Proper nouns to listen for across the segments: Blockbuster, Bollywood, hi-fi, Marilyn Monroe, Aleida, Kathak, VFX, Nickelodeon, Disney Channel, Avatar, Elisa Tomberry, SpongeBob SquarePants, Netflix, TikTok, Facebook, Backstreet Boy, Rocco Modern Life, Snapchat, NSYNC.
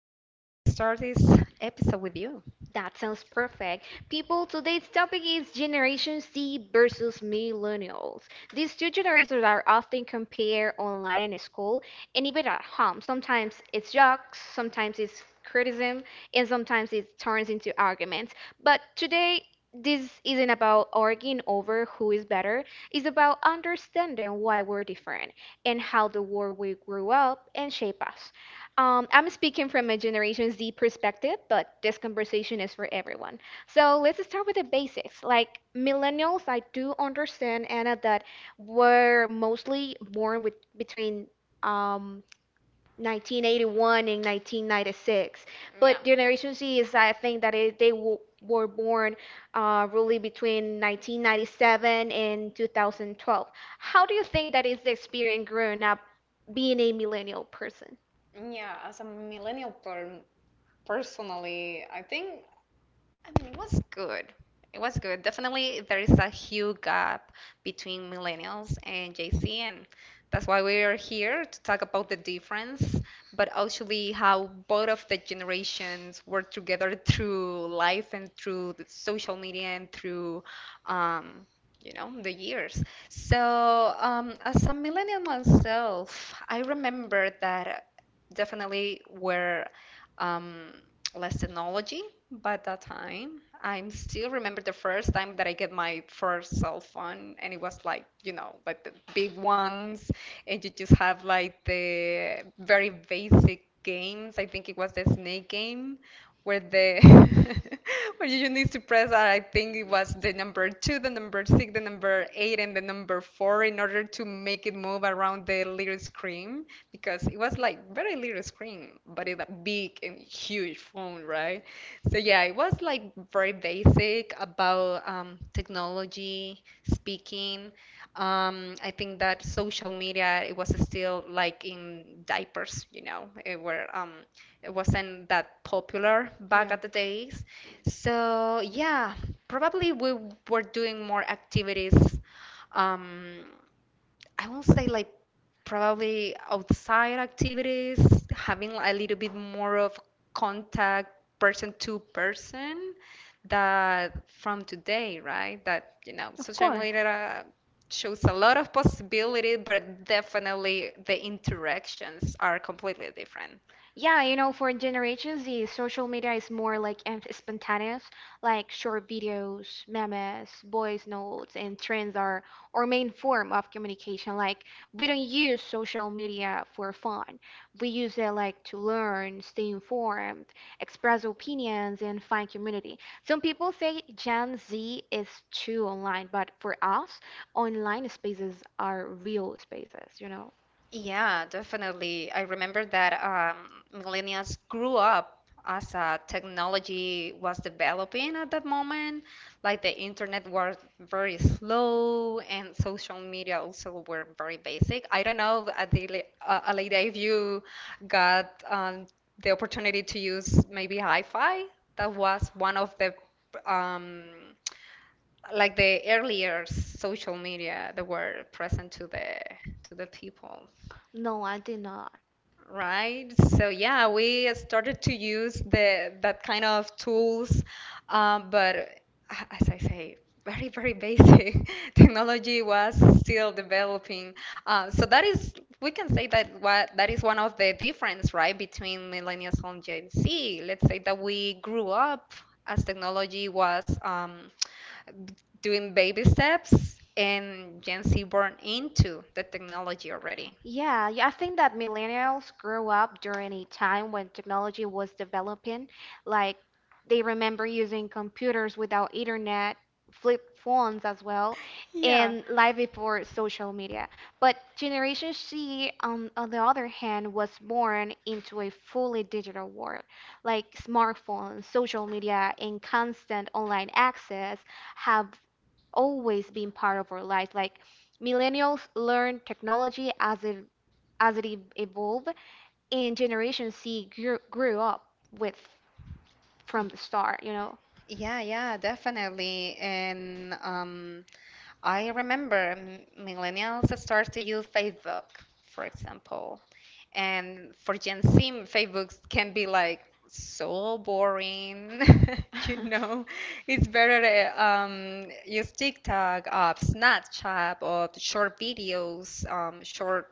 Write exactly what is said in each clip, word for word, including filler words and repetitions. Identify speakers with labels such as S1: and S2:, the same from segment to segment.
S1: excited to start this episode with you.
S2: That sounds perfect. People, today's topic is Generation Z versus Millennials. These two generations are often compared online and in school and even at home. Sometimes it's jokes, sometimes it's criticism, and sometimes it turns into arguments. But today, this isn't about arguing over who is better, it's about understanding why we're different and how the world we grew up and shape us. Um, I'm speaking from a Generation Z perspective, but this conversation is for everyone. So let's start with the basics. Like millennials, I do understand, Anna, that were mostly born with between um, nineteen eighty-one and nineteen ninety-six.
S1: Yeah.
S2: But Generation Z is, I think, that it, they w were born uh, really between nineteen ninety-seven and two thousand twelve. How do you think that is the experience growing up being a millennial person?
S1: Yeah, as a millennial per personally, I think I mean, it was good. It was good. Definitely, there is a huge gap between millennials and Gen Z, and that's why we are here to talk about the difference, but actually how both of the generations work together through life and through the social media and through, um, you know, the years. So, um, as a millennial myself, I remember that definitely were um, less technology by that time. I am still remember the first time that I get my first cell phone, and it was like, you know, like the big ones, and you just have like the very basic games. I think it was the snake game, where the where you need to press, uh, I think it was the number two, the number six, the number eight, and the number four in order to make it move around the little screen because it was like very little screen, but it's a big and huge phone, right? So yeah, it was like very basic about um, technology, speaking. Um, I think that social media it was still like in diapers, you know, it were um, it wasn't that popular back at the days. So yeah, probably we were doing more activities. Um, I will not say like probably outside activities, having a little bit more of contact person to person that from today, right? That, you know, social media shows a lot of possibility, but definitely the interactions are completely different.
S2: Yeah, you know, for Generation Z, social media is more like em- spontaneous, like short videos, memes, voice notes, and trends are our main form of communication. Like, we don't use social media for fun. We use it like to learn, stay informed, express opinions, and find community. Some people say Gen Z is too online, but for us, online spaces are real spaces, you know?
S1: Yeah, definitely. I remember that um, millennials grew up as uh, technology was developing at that moment. Like the internet was very slow and social media also were very basic. I don't know, Adele- uh, Aleida, if you got um, the opportunity to use maybe hi-fi. That was one of the um, like the earlier social media that were present to the to the people.
S2: No, I did not.
S1: Right. So yeah, we started to use the that kind of tools, um, but a- as I say, very, very basic. Technology was still developing. Uh, so that is, we can say that what that is one of the difference, right, between millennials and Gen Z. Let's say that we grew up as technology was um, doing baby steps, and Gen Z born into the technology already.
S2: Yeah, yeah, I think that millennials grew up during a time when technology was developing. Like they remember using computers without internet, flip phones as well, and life before social media. But Generation C, um, on the other hand, was born into a fully digital world. Like smartphones, social media, and constant online access have always been part of our lives. Like Millennials learn technology as it as it e- evolved and generation c grew, grew up with from the start you know.
S1: Yeah, yeah, definitely. And um, I remember m- millennials start to use Facebook, for example. And for Gen Z, Facebook can be like so boring. You know, it's better to um, use TikTok, uh, Snapchat, or short videos, um, short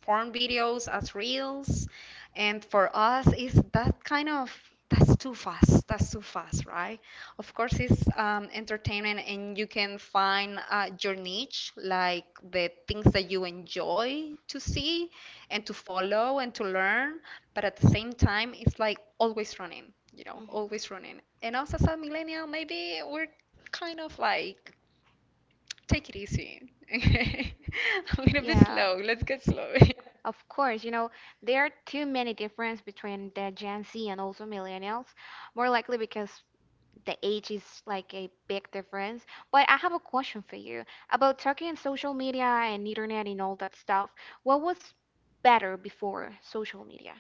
S1: form videos as reels. And for us, is that kind of that's too fast. That's too fast, right? Of course, it's um, entertaining, and you can find uh, your niche, like the things that you enjoy to see and to follow and to learn. But at the same time, it's like always running, you know,
S2: Mhm,
S1: always running. And also, as a millennial, maybe we're kind of like take it easy. a little bit
S2: yeah.
S1: slow. Let's get slow.
S2: Of course, you know, there are too many differences between the Gen Z and also millennials, more likely because the age is like a big difference. But I have a question for you about talking and social media and internet and all that stuff. What was better before social media?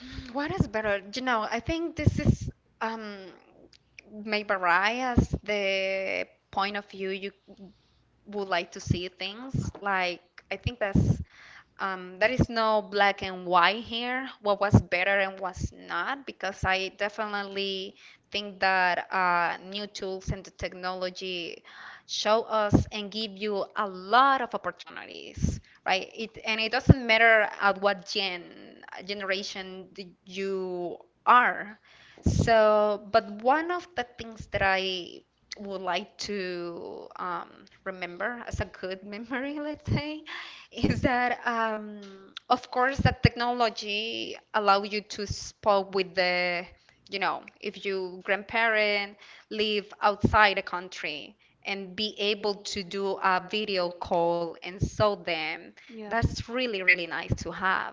S1: Mm, what is better? You know, I think this is um, may vary as the point of view you would like to see things. Like I think that's um, there is no black and white here. What was better and what's not, because I definitely think that uh, new tools and the technology show us and give you a lot of opportunities, right? It and it doesn't matter at what gen generation that you are. So, but one of the things that I would like to um, remember as a good memory, let's say, is that um, of course that technology allow you to spoke with the, you know, if your grandparent live outside the country and be able to do a video call and saw them,
S2: Yeah.
S1: that's really, really nice to have.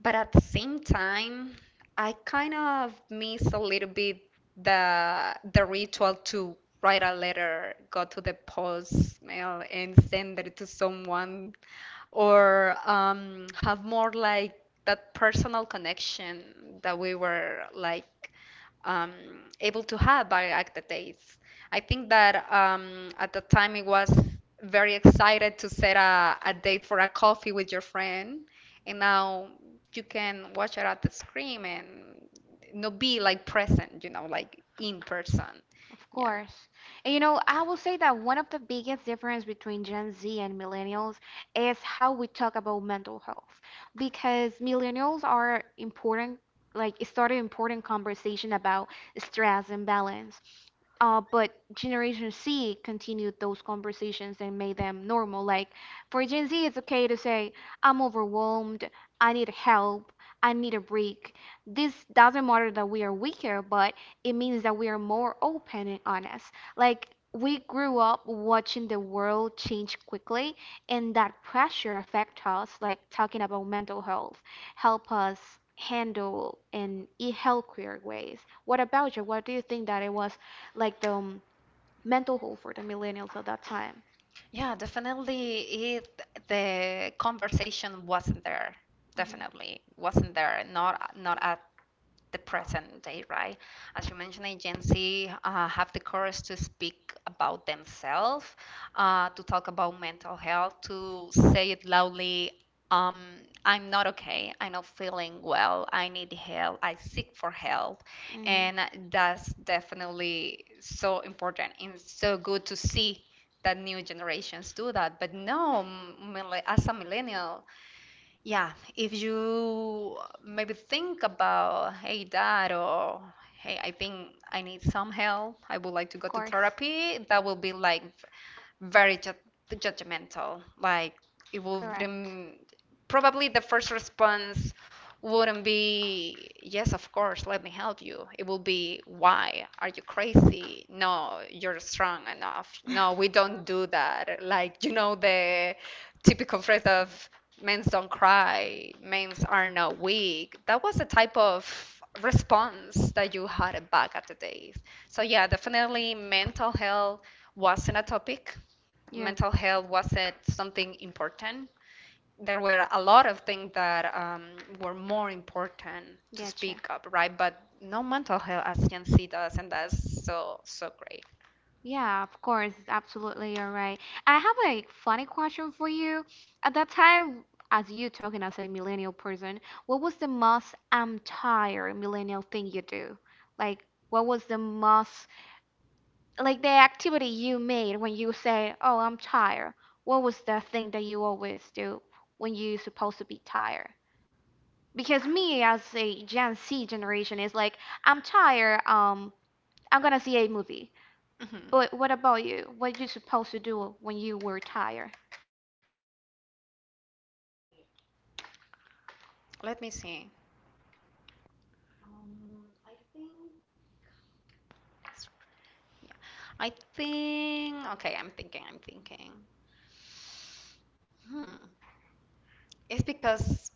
S1: But at the same time, I kind of miss a little bit the the ritual to write a letter, go to the post mail and send it to someone, or um, have more like that personal connection that we were like um, able to have back the days. I think that um, at the time it was very excited to set a, a date for a coffee with your friend, and now you can watch it at the screen and not be like present, you know, like in person.
S2: Of
S1: Yeah.
S2: course. And you know, I will say that one of the biggest difference between Gen Z and millennials is how we talk about mental health. Because millennials are important, like it started important conversation about stress and balance. Uh, but Generation C continued those conversations and made them normal. Like for Gen Z, it's okay to say, I'm overwhelmed, I need help, I need a break. This doesn't matter that we are weaker, but it means that we are more open and honest. Like we grew up watching the world change quickly, and that pressure affect us. Like talking about mental health, help us handle and in e- healthier ways. What about you? What do you think that it was like the um, mental health for the millennials at that time?
S1: Yeah, definitely it the conversation wasn't there.
S2: Mhm,
S1: Definitely wasn't there. Not not at the present day, right? As you mentioned, agency uh, have the courage to speak about themselves, uh, to talk about mental health, to say it loudly. Um, I'm not okay. I'm not feeling well. I need help. I seek for help, and
S2: mhm.
S1: that's definitely so important and so good to see that new generations do that. But no, mille- as a millennial, yeah, if you maybe think about, hey, dad, or hey, I think I need some help, I would like to
S2: Of
S1: go to
S2: course.
S1: therapy, that will be like very ju- judgmental. Like it
S2: Correct.
S1: wouldn't probably the first response wouldn't be yes, of course, let me help you. It will be why are you crazy? No, you're strong enough. No, we don't do that. Like you know the typical phrase of men's don't cry, men's are not weak. That was the type of response that you had back at the days. So yeah, definitely mental health wasn't a topic
S2: Yeah.
S1: mental health wasn't something important. There were a lot of things that um, were more important to
S2: Gotcha.
S1: speak up, right? But no mental health as Gen Z does, and that's so so great.
S2: Yeah, of course, absolutely, you're right. I have a funny question for you. At that time, as you talking as a millennial person, what was the most I'm tired millennial thing you do? Like, what was the most, like the activity you made when you say, "Oh, I'm tired." What was the thing that you always do when you're supposed to be tired? Because me as a Gen Z generation is like, I'm tired, um, I'm gonna see a movie.
S1: Mhm.
S2: But what about you? What you supposed to do when you were tired?
S1: Hmm, let me see. Let me see. I think, okay, I'm thinking, I'm thinking. Hmm. It's because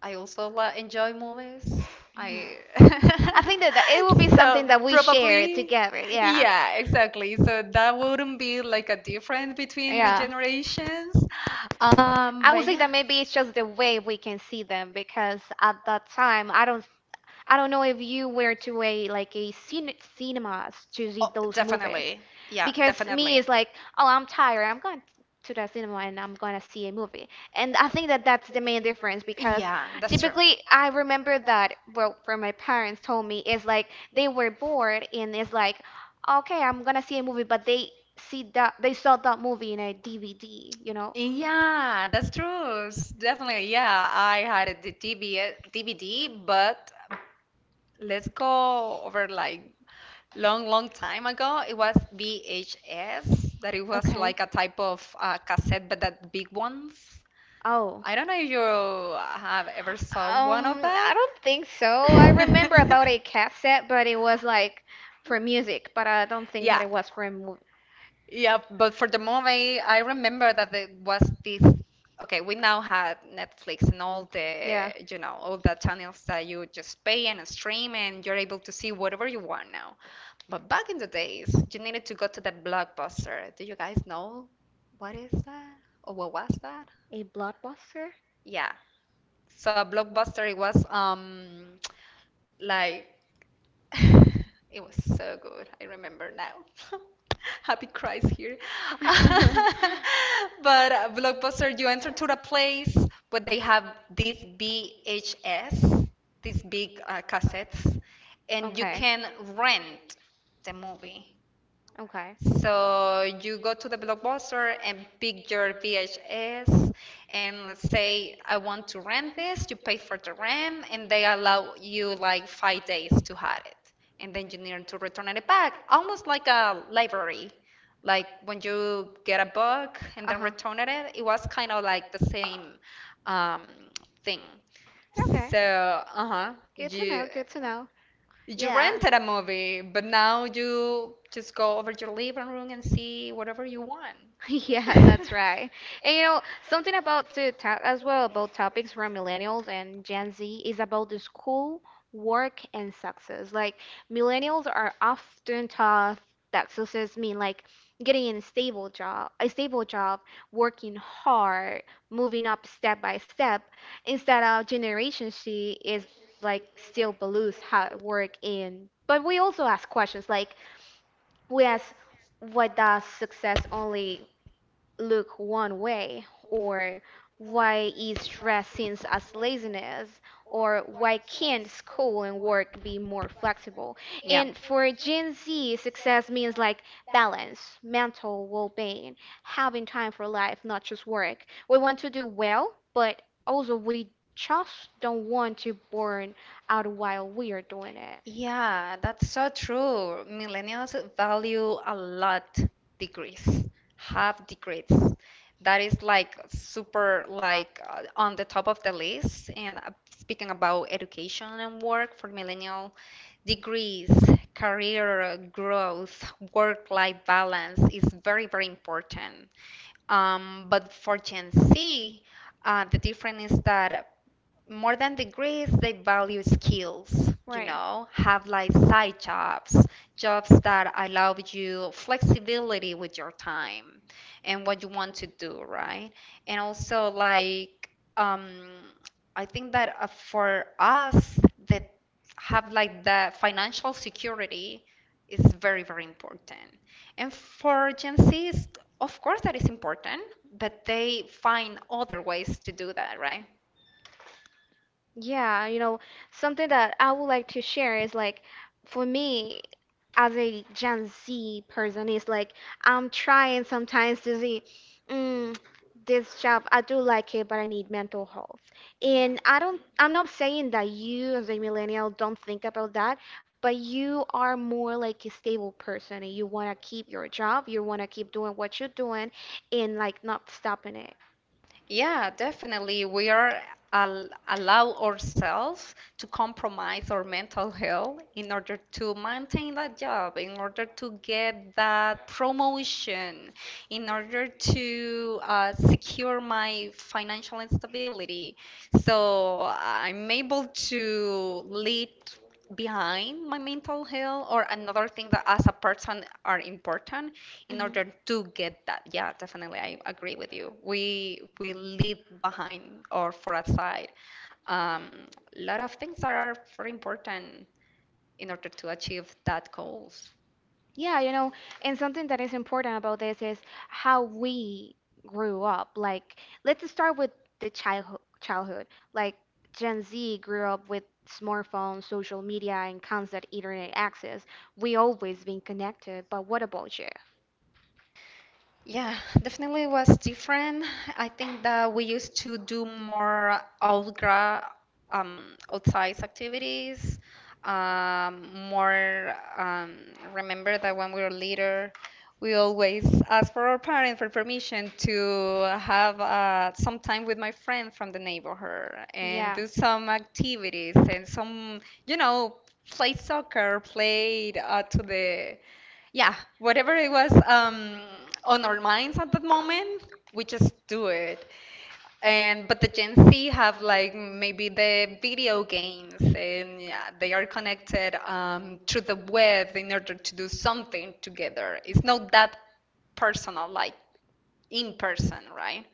S1: I also la- enjoy movies.
S2: Mhm.
S1: I
S2: I think that, that it will be
S1: so
S2: something that we share
S1: probably
S2: together, yeah.
S1: yeah, exactly. So that wouldn't be like a difference between the
S2: Yeah.
S1: generations. Um,
S2: I would
S1: but
S2: say
S1: yeah.
S2: that maybe it's just the way we can see them because at that time I don't I don't know if you were to a like a cin- cinemas to see
S1: Oh,
S2: those movies,
S1: definitely. Yeah,
S2: because me
S1: definitely.
S2: is like, oh, I'm tired. I'm going to the cinema and I'm gonna see a movie. And I think that that's the main difference because
S1: Yeah, that's true.
S2: typically I remember that well, from my parents told me is like they were bored and it's like, okay, I'm gonna see a movie, but they see that they saw that movie in a D V D, you know.
S1: Yeah, that's true. S- Definitely, yeah. I had the T B, D V D, but let's go over like long, long time ago. It was V H S, that it was
S2: Okay.
S1: like a type of uh, cassette, but that big ones.
S2: Oh.
S1: I don't know if you have ever saw one of
S2: Um, I
S1: that.
S2: don't think so. I remember about a cassette, but it was like for music, but I don't think that
S1: Yeah,
S2: it was for a movie.
S1: yeah, but for the movie, I remember that it was this. Okay, we now had Netflix and all the,
S2: Yeah.
S1: you know, all the channels that you just pay and stream, and you're able to see whatever you want now. But back in the days, you needed to go to the Blockbuster. Do you guys know what is that? Or what was that?
S2: A blockbuster?
S1: Yeah. So Blockbuster, it was um like it was so good. I remember now. Happy cries here. But uh, Blockbuster, you enter to the place where they have these V H S, these big uh, cassettes, and you
S2: Okay.
S1: can rent the movie.
S2: Okay.
S1: So you go to the Blockbuster and pick your V H S, and let's say I want to rent this, you pay for the rent, and they allow you like five days to have it, and then you need to return it back, almost like a library. Like when you get a book and then
S2: Uh-huh.
S1: return it, it was kind of like the same um, thing.
S2: Okay.
S1: So, uh-huh,
S2: Good to
S1: you.
S2: know. Good to know.
S1: You
S2: Yeah.
S1: rented a movie, but now you just go over your living room and see whatever you want.
S2: Yeah, that's right. And you know, something about to talk as well about topics for millennials and Gen Z is about the school, work, and success. Like millennials are often taught that success mean like getting a stable job, a stable job, working hard, moving up step by step is that our generation she is like still believes hard work in but we also ask questions like we ask what does success only look one way, or why is stress seen as laziness, or why can't school and work be more flexible?
S1: Yeah.
S2: And for Gen Z, success means like balance, mental well being, having time for life, not just work. We want to do well, but also we just don't want to burn out while we are doing it.
S1: Yeah, that's so true. Millennials value a lot degrees, have degrees. That is like super like uh, on the top of the list. And uh, speaking about education and work for millennial degrees, career growth, work-life balance is very, very important. Um, but for Gen Z, uh, the difference is that more than degrees, they value skills, you
S2: Right.
S1: know, have like side jobs, jobs that allow you flexibility with your time and what you want to do, right? And also, like, um, I think that uh, for us that have like the financial security is very, very important. And for Gen Zs, of course, that is important, but they find other ways to do that, right?
S2: Yeah, you know, something that I would like to share is like for me as a Gen Z person is like I'm trying sometimes to see mm, this job I do like it but I need mental health. And I don't I'm not saying that you as a millennial don't think about that, but you are more like a stable person and you want to keep your job, you want to keep doing what you're doing and like not stopping it.
S1: Yeah, definitely. We are al allow ourselves to compromise our mental health in order to maintain that job, in order to get that promotion, in order to uh, secure my financial stability. So I'm able to lead behind my mental health or another thing that as a person are important in
S2: Hmm.
S1: order to get that. Yeah, definitely, I agree with you. We we leave behind or for aside um, a lot of things that are very important in order to achieve that goals.
S2: Yeah, you know, and something that is important about this is how we grew up. Like, let's start with the childhood. Childhood, like Gen Z grew up with smartphones, social media, and constant internet access. We always been connected, but what about you?
S1: Yeah, definitely was different. I think that we used to do more outgra um, outside activities. Um, more um, remember that when we were little, we always asked for our parents
S2: For
S1: for permission to have uh, some time with my friend from the neighborhood and
S2: Yeah.
S1: do some activities and some, you know, play soccer, played uh, to the yeah, whatever it was um, on our minds at that moment, we just do it. And but the Gen Z have like maybe the video games, and yeah, they are connected um, through the web in order to do something together. It's not that personal, like in person, right?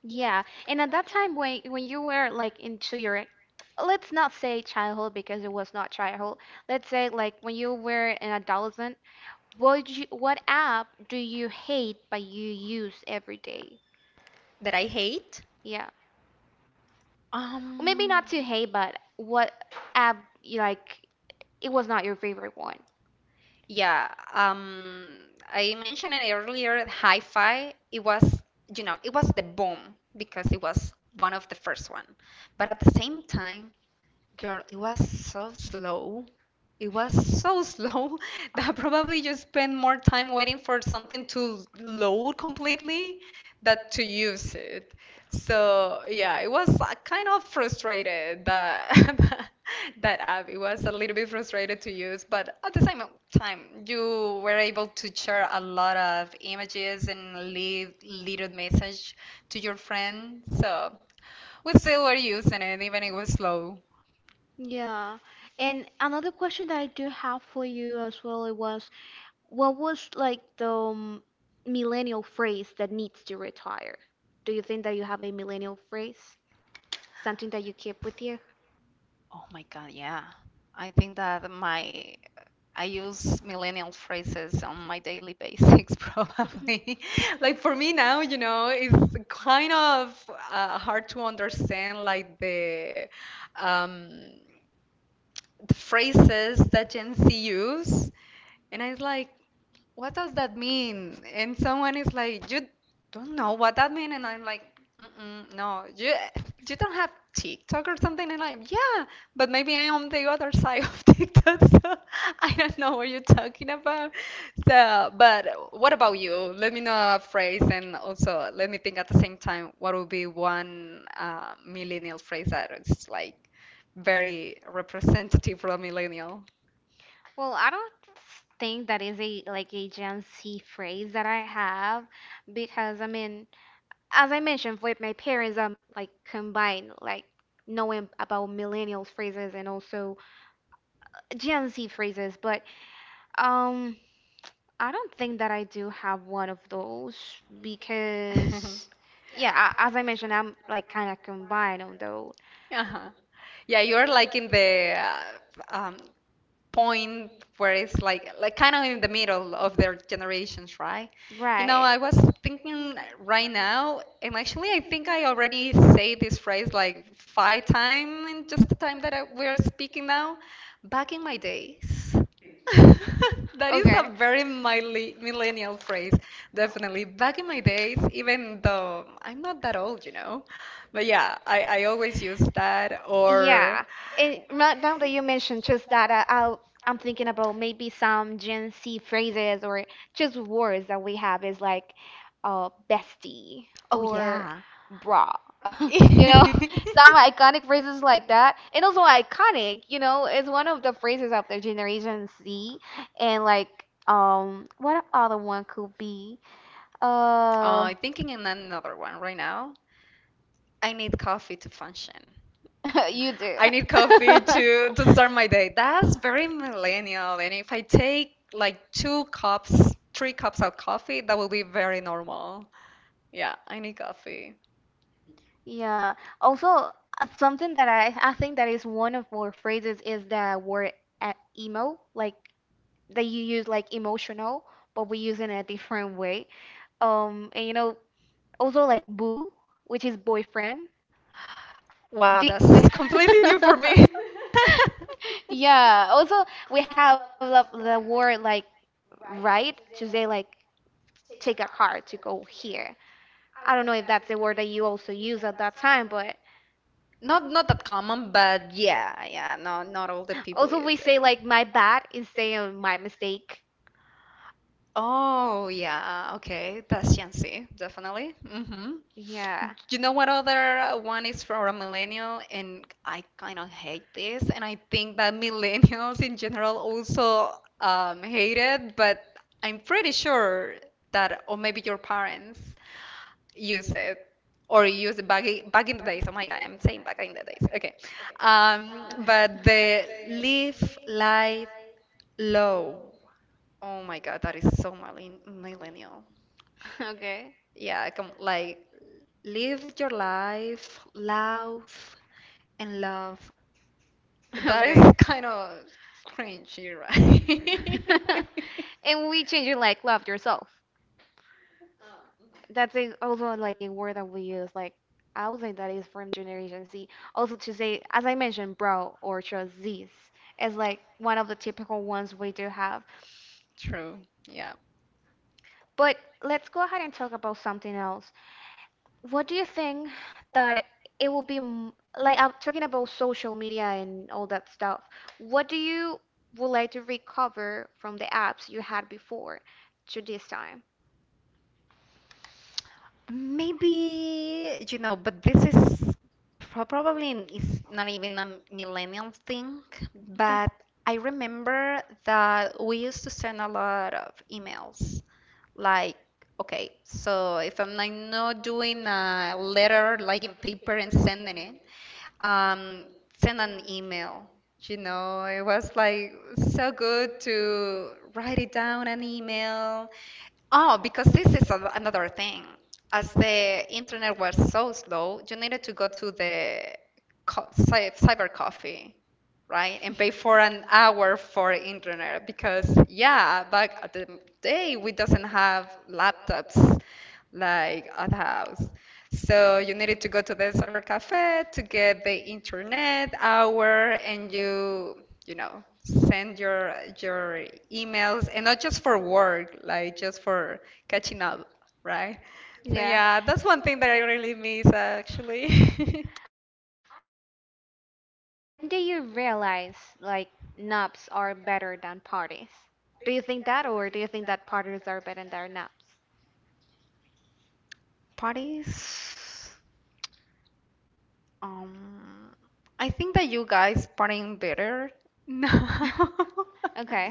S2: Yeah, and at that time when when you were like into your let's not say childhood because it was not childhood. Let's say like when you were an adolescent, what you what app do you hate but you use every day?
S1: That I hate.
S2: Yeah. Or maybe
S1: Um,
S2: not to hate, but what app you like it was not your favorite one.
S1: Yeah, um, I mentioned it earlier, hi-fi, it was, you know, it was the boom because it was one of the first one. But at the same time, girl, it was so slow. It was so slow that probably you spend more time waiting for something to load completely than to use it. So yeah, it was uh, kind of frustrated that that app. It was a little bit frustrated to use, but at the same time, you were able to share a lot of images and leave little message to your friend. So we still were using it, even it was slow.
S2: Yeah. And another question that I do have for you as well it was what was like the um, millennial phrase that needs to retire? Do you think that you have a millennial phrase? Something that you keep with you?
S1: Oh my God, yeah. I think that my I use millennial phrases on my daily basics probably. Like for me now, you know, it's kind of uh, hard to understand like the um the phrases that Gen Z use. And I was like, what does that mean? And someone is like, you don't know what that means. And I'm like, mm-mm, no, you you don't have TikTok or something. And I'm, yeah, but maybe I'm on the other side of TikTok, so I don't know what you're talking about. So, but what about you? Let me know a phrase, and also let me think at the same time what would be one uh, millennial phrase that is like very representative for a millennial.
S2: Well, I don't think that is a like a Gen Z phrase that I have because I mean as I mentioned, with my parents, I'm like combined, like knowing about millennials phrases and also Gen Z phrases, but um, I don't think that I do have one of those because, yeah, a- as I mentioned, I'm like kind of combined on those,
S1: Uh-huh. Yeah, you're like in the uh, um, point where it's like like kind of in the middle of their generations, right? You know,
S2: right?
S1: I was thinking right now, and actually, I think I already say this phrase like five times in just the time that I, we're speaking now. Back in my days. That is a
S2: Okay.
S1: very mile- millennial phrase, definitely. Back in my days, even though I'm not that old, you know, but yeah, I, I always use that. Or
S2: Yeah, and right now that you mentioned just that, uh, I'll, I'm thinking about maybe some Gen Z phrases or just words that we have is like uh, bestie
S1: oh
S2: or
S1: yeah.
S2: bra, you know, some iconic phrases like that. And also iconic, you know, is one of the phrases of the Generation Z. And like, um, what other one could be? Uh,
S1: Uh, thinking in another one right now. I need coffee to function.
S2: You do.
S1: I need coffee to to start my day. That's very millennial. And if I take like two cups, three cups of coffee, that will be very normal. Yeah, I need coffee.
S2: Yeah. Also, uh, something that I, I think that is one of our phrases is the word uh, emo, like that you use like emotional, but we use it in a different way. Um, and you know, also like boo, which is boyfriend.
S1: Wow,
S2: Do- do-
S1: that's completely new for me.
S2: Yeah. Also, we have the, the word like ride to say like take a car to go here. I don't know if that's the word that you also use at that time, but
S1: Not
S2: not
S1: not
S2: not the
S1: that common, but yeah, yeah, no, not all the
S2: car.
S1: people
S2: Also we
S1: use
S2: say
S1: it.
S2: like my bad instead of my mistake.
S1: Oh yeah, okay, that's Gen Z, definitely. Hmm.
S2: Yeah.
S1: You know what other one is from a millennial, and I kind of hate this, and I think that millennials in general also um, hate it, but I'm pretty sure that, or maybe your parents use it or use it back, i- back in the days. Oh my God, I'm saying back in the days. Okay.
S2: Um,
S1: Um,
S2: but
S1: but the
S2: the
S1: live
S2: leaf.
S1: life low. Oh my God, that is so millen- millennial.
S2: Okay.
S1: Yeah, come like live your life loud and love.
S2: That is
S1: That is
S2: okay.
S1: kind
S2: Kind of
S1: of cringy,
S2: strange. You're
S1: right?
S2: right. And we change it like love yourself. That's a, also like a word that we use. Like I would say that is from Generation Z. Also to say, as I mentioned, bro or just Z's is like one of the typical ones we do have.
S1: True. Yeah.
S2: But let's go ahead and talk about something else. What do you think that it will be m- like I'm talking about social media and all that stuff. What do you would like to recover from the apps you had before to this time?
S1: Maybe, you know, but this is pro- probably n- is not even a millennial thing, but I remember that we used to send a lot of emails like, okay, so if I'm like not doing a letter like in paper and sending it, um, send an email. You know, it was like so good to write it down an email. Oh, because this is a, another thing. As the internet was so slow, you needed to go to the co cy- cyber coffee, right? And pay for an hour for internet because, yeah, back at the day, we doesn't have laptops like at house. So you needed to go to the cyber cafe to get the internet hour and you you know send your your emails and not just for work, like just for catching up, right? So
S2: Yeah.
S1: yeah, that's one thing that I really miss actually.
S2: I have a fun question for you. When did you realize like nubs are better than parties? Do you think that or do you think that parties are better than nubs?
S1: Parties. Um, I think that you guys partying better now.
S2: Okay.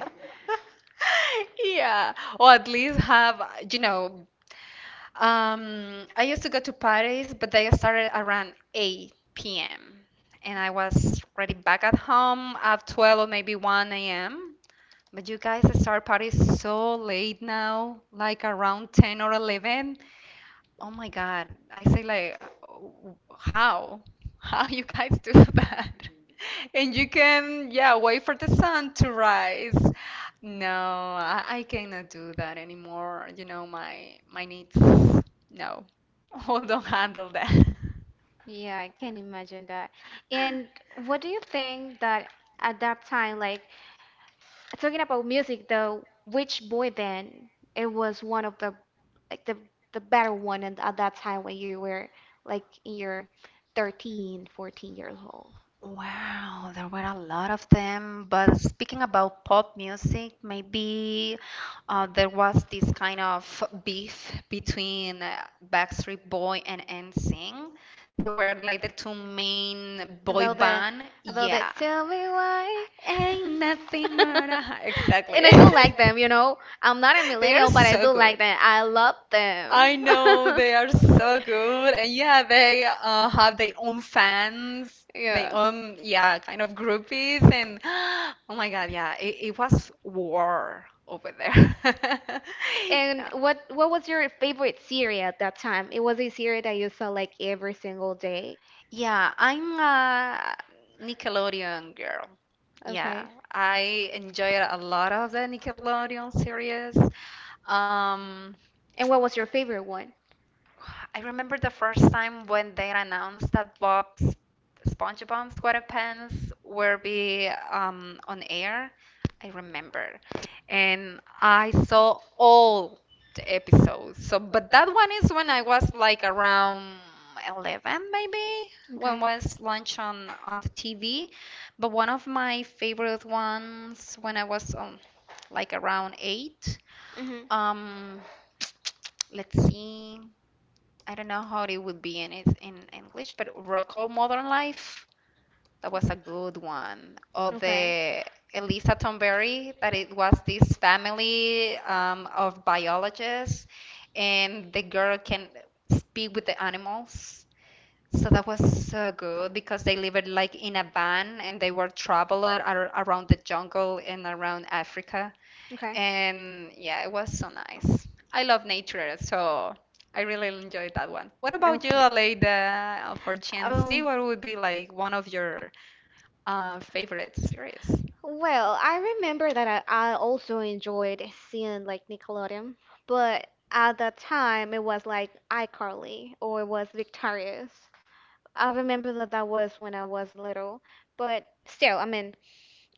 S1: Yeah, or at least have, you know, um, I used to go to parties, but they started around eight p m and I was already back at home at twelve or maybe one a m. But you guys start parties so late now, like around ten or eleven. Oh my God. I say like w- how? How you guys do that? And you can, yeah, wait for the sun to rise. No, I, I cannot do that anymore. You know, my my needs, no. Oh, don't handle that.
S2: Yeah, I can imagine that. And what do you think that at that time, like talking about music though, which boy band it was one of the like the the better one and at that time when you were like in your thirteen, fourteen years old?
S1: Wow, there were a lot of them. But speaking about pop music, maybe uh, there was this kind of beef between uh, Backstreet Boy and N Sync. They were like the two main boy
S2: About the
S1: band.
S2: about the
S1: Yeah.
S2: tell me why.
S1: Ain't nothing but a
S2: And
S1: exactly.
S2: I do like them, you know. I'm not a
S1: They are
S2: millennial, but I
S1: so
S2: do
S1: good.
S2: like them. I love them.
S1: I know they are so good, and yeah, they uh, have their own fans, their
S2: Yeah.
S1: own yeah, kind of groupies, and oh my God, yeah, it, it was war over there.
S2: And
S1: Yeah.
S2: what what was your favorite series at that time? It was a series that you saw like every single day.
S1: Yeah, I'm a Nickelodeon girl. Yeah,
S2: Okay.
S1: I enjoyed a lot of the Nickelodeon series. Um,
S2: And what was your favorite one?
S1: I remember the first time when they announced that Bob's SpongeBob SquarePants will be um, on air. I remember, and I saw all the episodes. So, but that one is when I was like around eleven, maybe, when
S2: Okay.
S1: was lunch on on the T V. But one of my favorite ones when I was um, like around eight.
S2: Mhm.
S1: Um, let's see. I don't know how it would be in it's in English, but Rocco Modern Life, that was a good one. Or
S2: Okay. Okay.
S1: the Elisa Tomberry, that it was this family um, of biologists, and the girl can speak with the animals. So that was so good because they lived like in a van and they were traveler ar around the jungle and around Africa. And yeah, it was so nice. I love nature, so I really enjoyed that one. What about you,
S2: Okay.
S1: Aleida? Uh, For Gen Z,
S2: Um.
S1: what would be like one of your uh, favorite series?
S2: Well, I remember that I, I also enjoyed seeing like Nickelodeon, but at that time it was like iCarly or it was Victorious. I remember that that was when I was little, but still, I mean,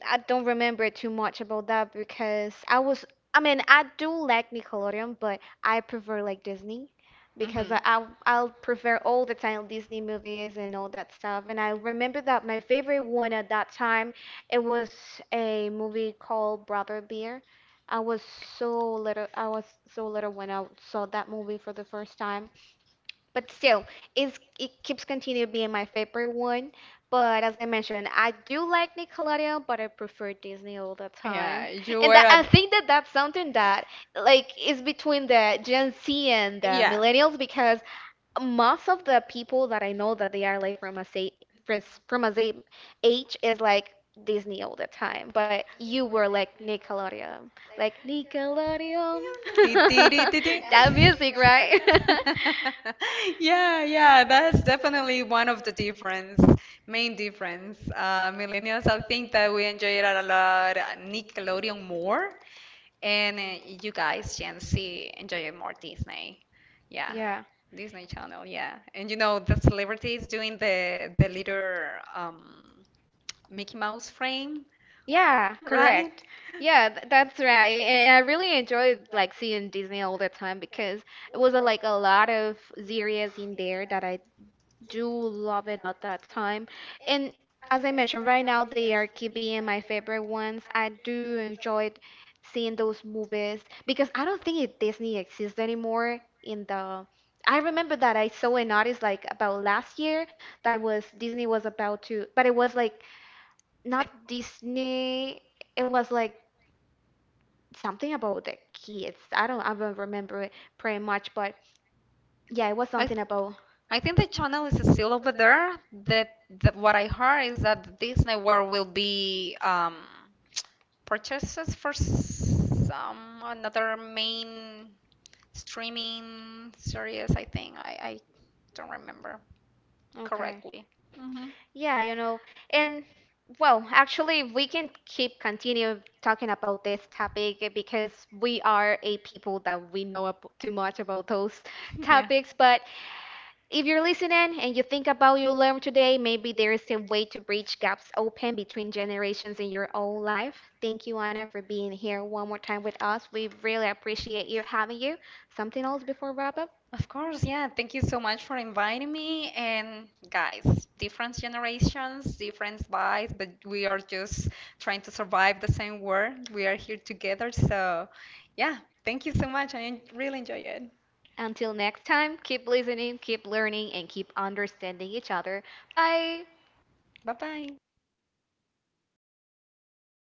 S2: I don't remember too much about that because I was, I mean, I do like Nickelodeon, but I prefer like Disney
S1: Hmm.
S2: because I, I'll, I'll prefer all the time Disney movies and all that stuff. And I remember that my favorite one at that time, it was a movie called Brother Bear. I was so little, I was so little when I saw that movie for the first time. But still, it's, it keeps continuing being my favorite one. But as I mentioned, I do like Nickelodeon, but I prefer Disney all the
S1: Yeah,
S2: time.
S1: you were
S2: And that, I
S1: at.
S2: think that that's something that like is between the Gen Z and the
S1: Yeah.
S2: millennials because most of the people that I know that they are like from a say from, from a same age is like Disney all the time. But you were like Nickelodeon, like Nickelodeon.
S1: Ti- ti- ri- ti- ti.
S2: That music, right?
S1: Yeah, yeah, that's definitely one of the difference, main difference. Uh, millennials, I think that we enjoy it a lot, uh, Nickelodeon more, and uh, you guys, Gen Z, enjoy it more Disney. Yeah,
S2: Yeah.
S1: Disney Channel, yeah. And you know, the celebrities doing the the little um, Mickey Mouse frame
S2: Yeah,
S1: right?
S2: correct. Yeah, th that's right. And I really enjoyed like seeing Disney all the time because it was uh, like a lot of series in there that I do love it at that time. And as I mentioned, right now they are keep being my favorite ones. I do enjoy seeing those movies because I don't think it Disney exists anymore in the I remember that I saw an artist like about last year that it was Disney was about to, but it was like
S1: I,
S2: not Disney. It was like something about the kids. I don't I don't remember it pretty much, but yeah, it was
S1: I,
S2: something about
S1: I think the channel is still over there. That, that what I heard is that Disney World will be um, purchases for some another main streaming series. I think I, I don't remember
S2: okay.
S1: correctly. Hmm.
S2: Yeah, you know, and well, actually we can keep continue talking about this topic eh, because we are a people that we know ab- too much about those
S1: Yeah.
S2: topics, but if you're listening and you think about your learn today, maybe there is a way to bridge gaps open between generations in your own life. Thank you, Anna, for being here one more time with us. We really appreciate you having you. Something else before wrap up?
S1: Of course, yeah. Thank you so much for inviting me. And guys, different generations, different vibes, but we are just trying to survive the same world. We are here together. So, yeah, thank you so much. I en- really enjoy it.
S2: Until next time, keep listening, keep learning, and keep understanding each other. Bye.
S1: Bye bye.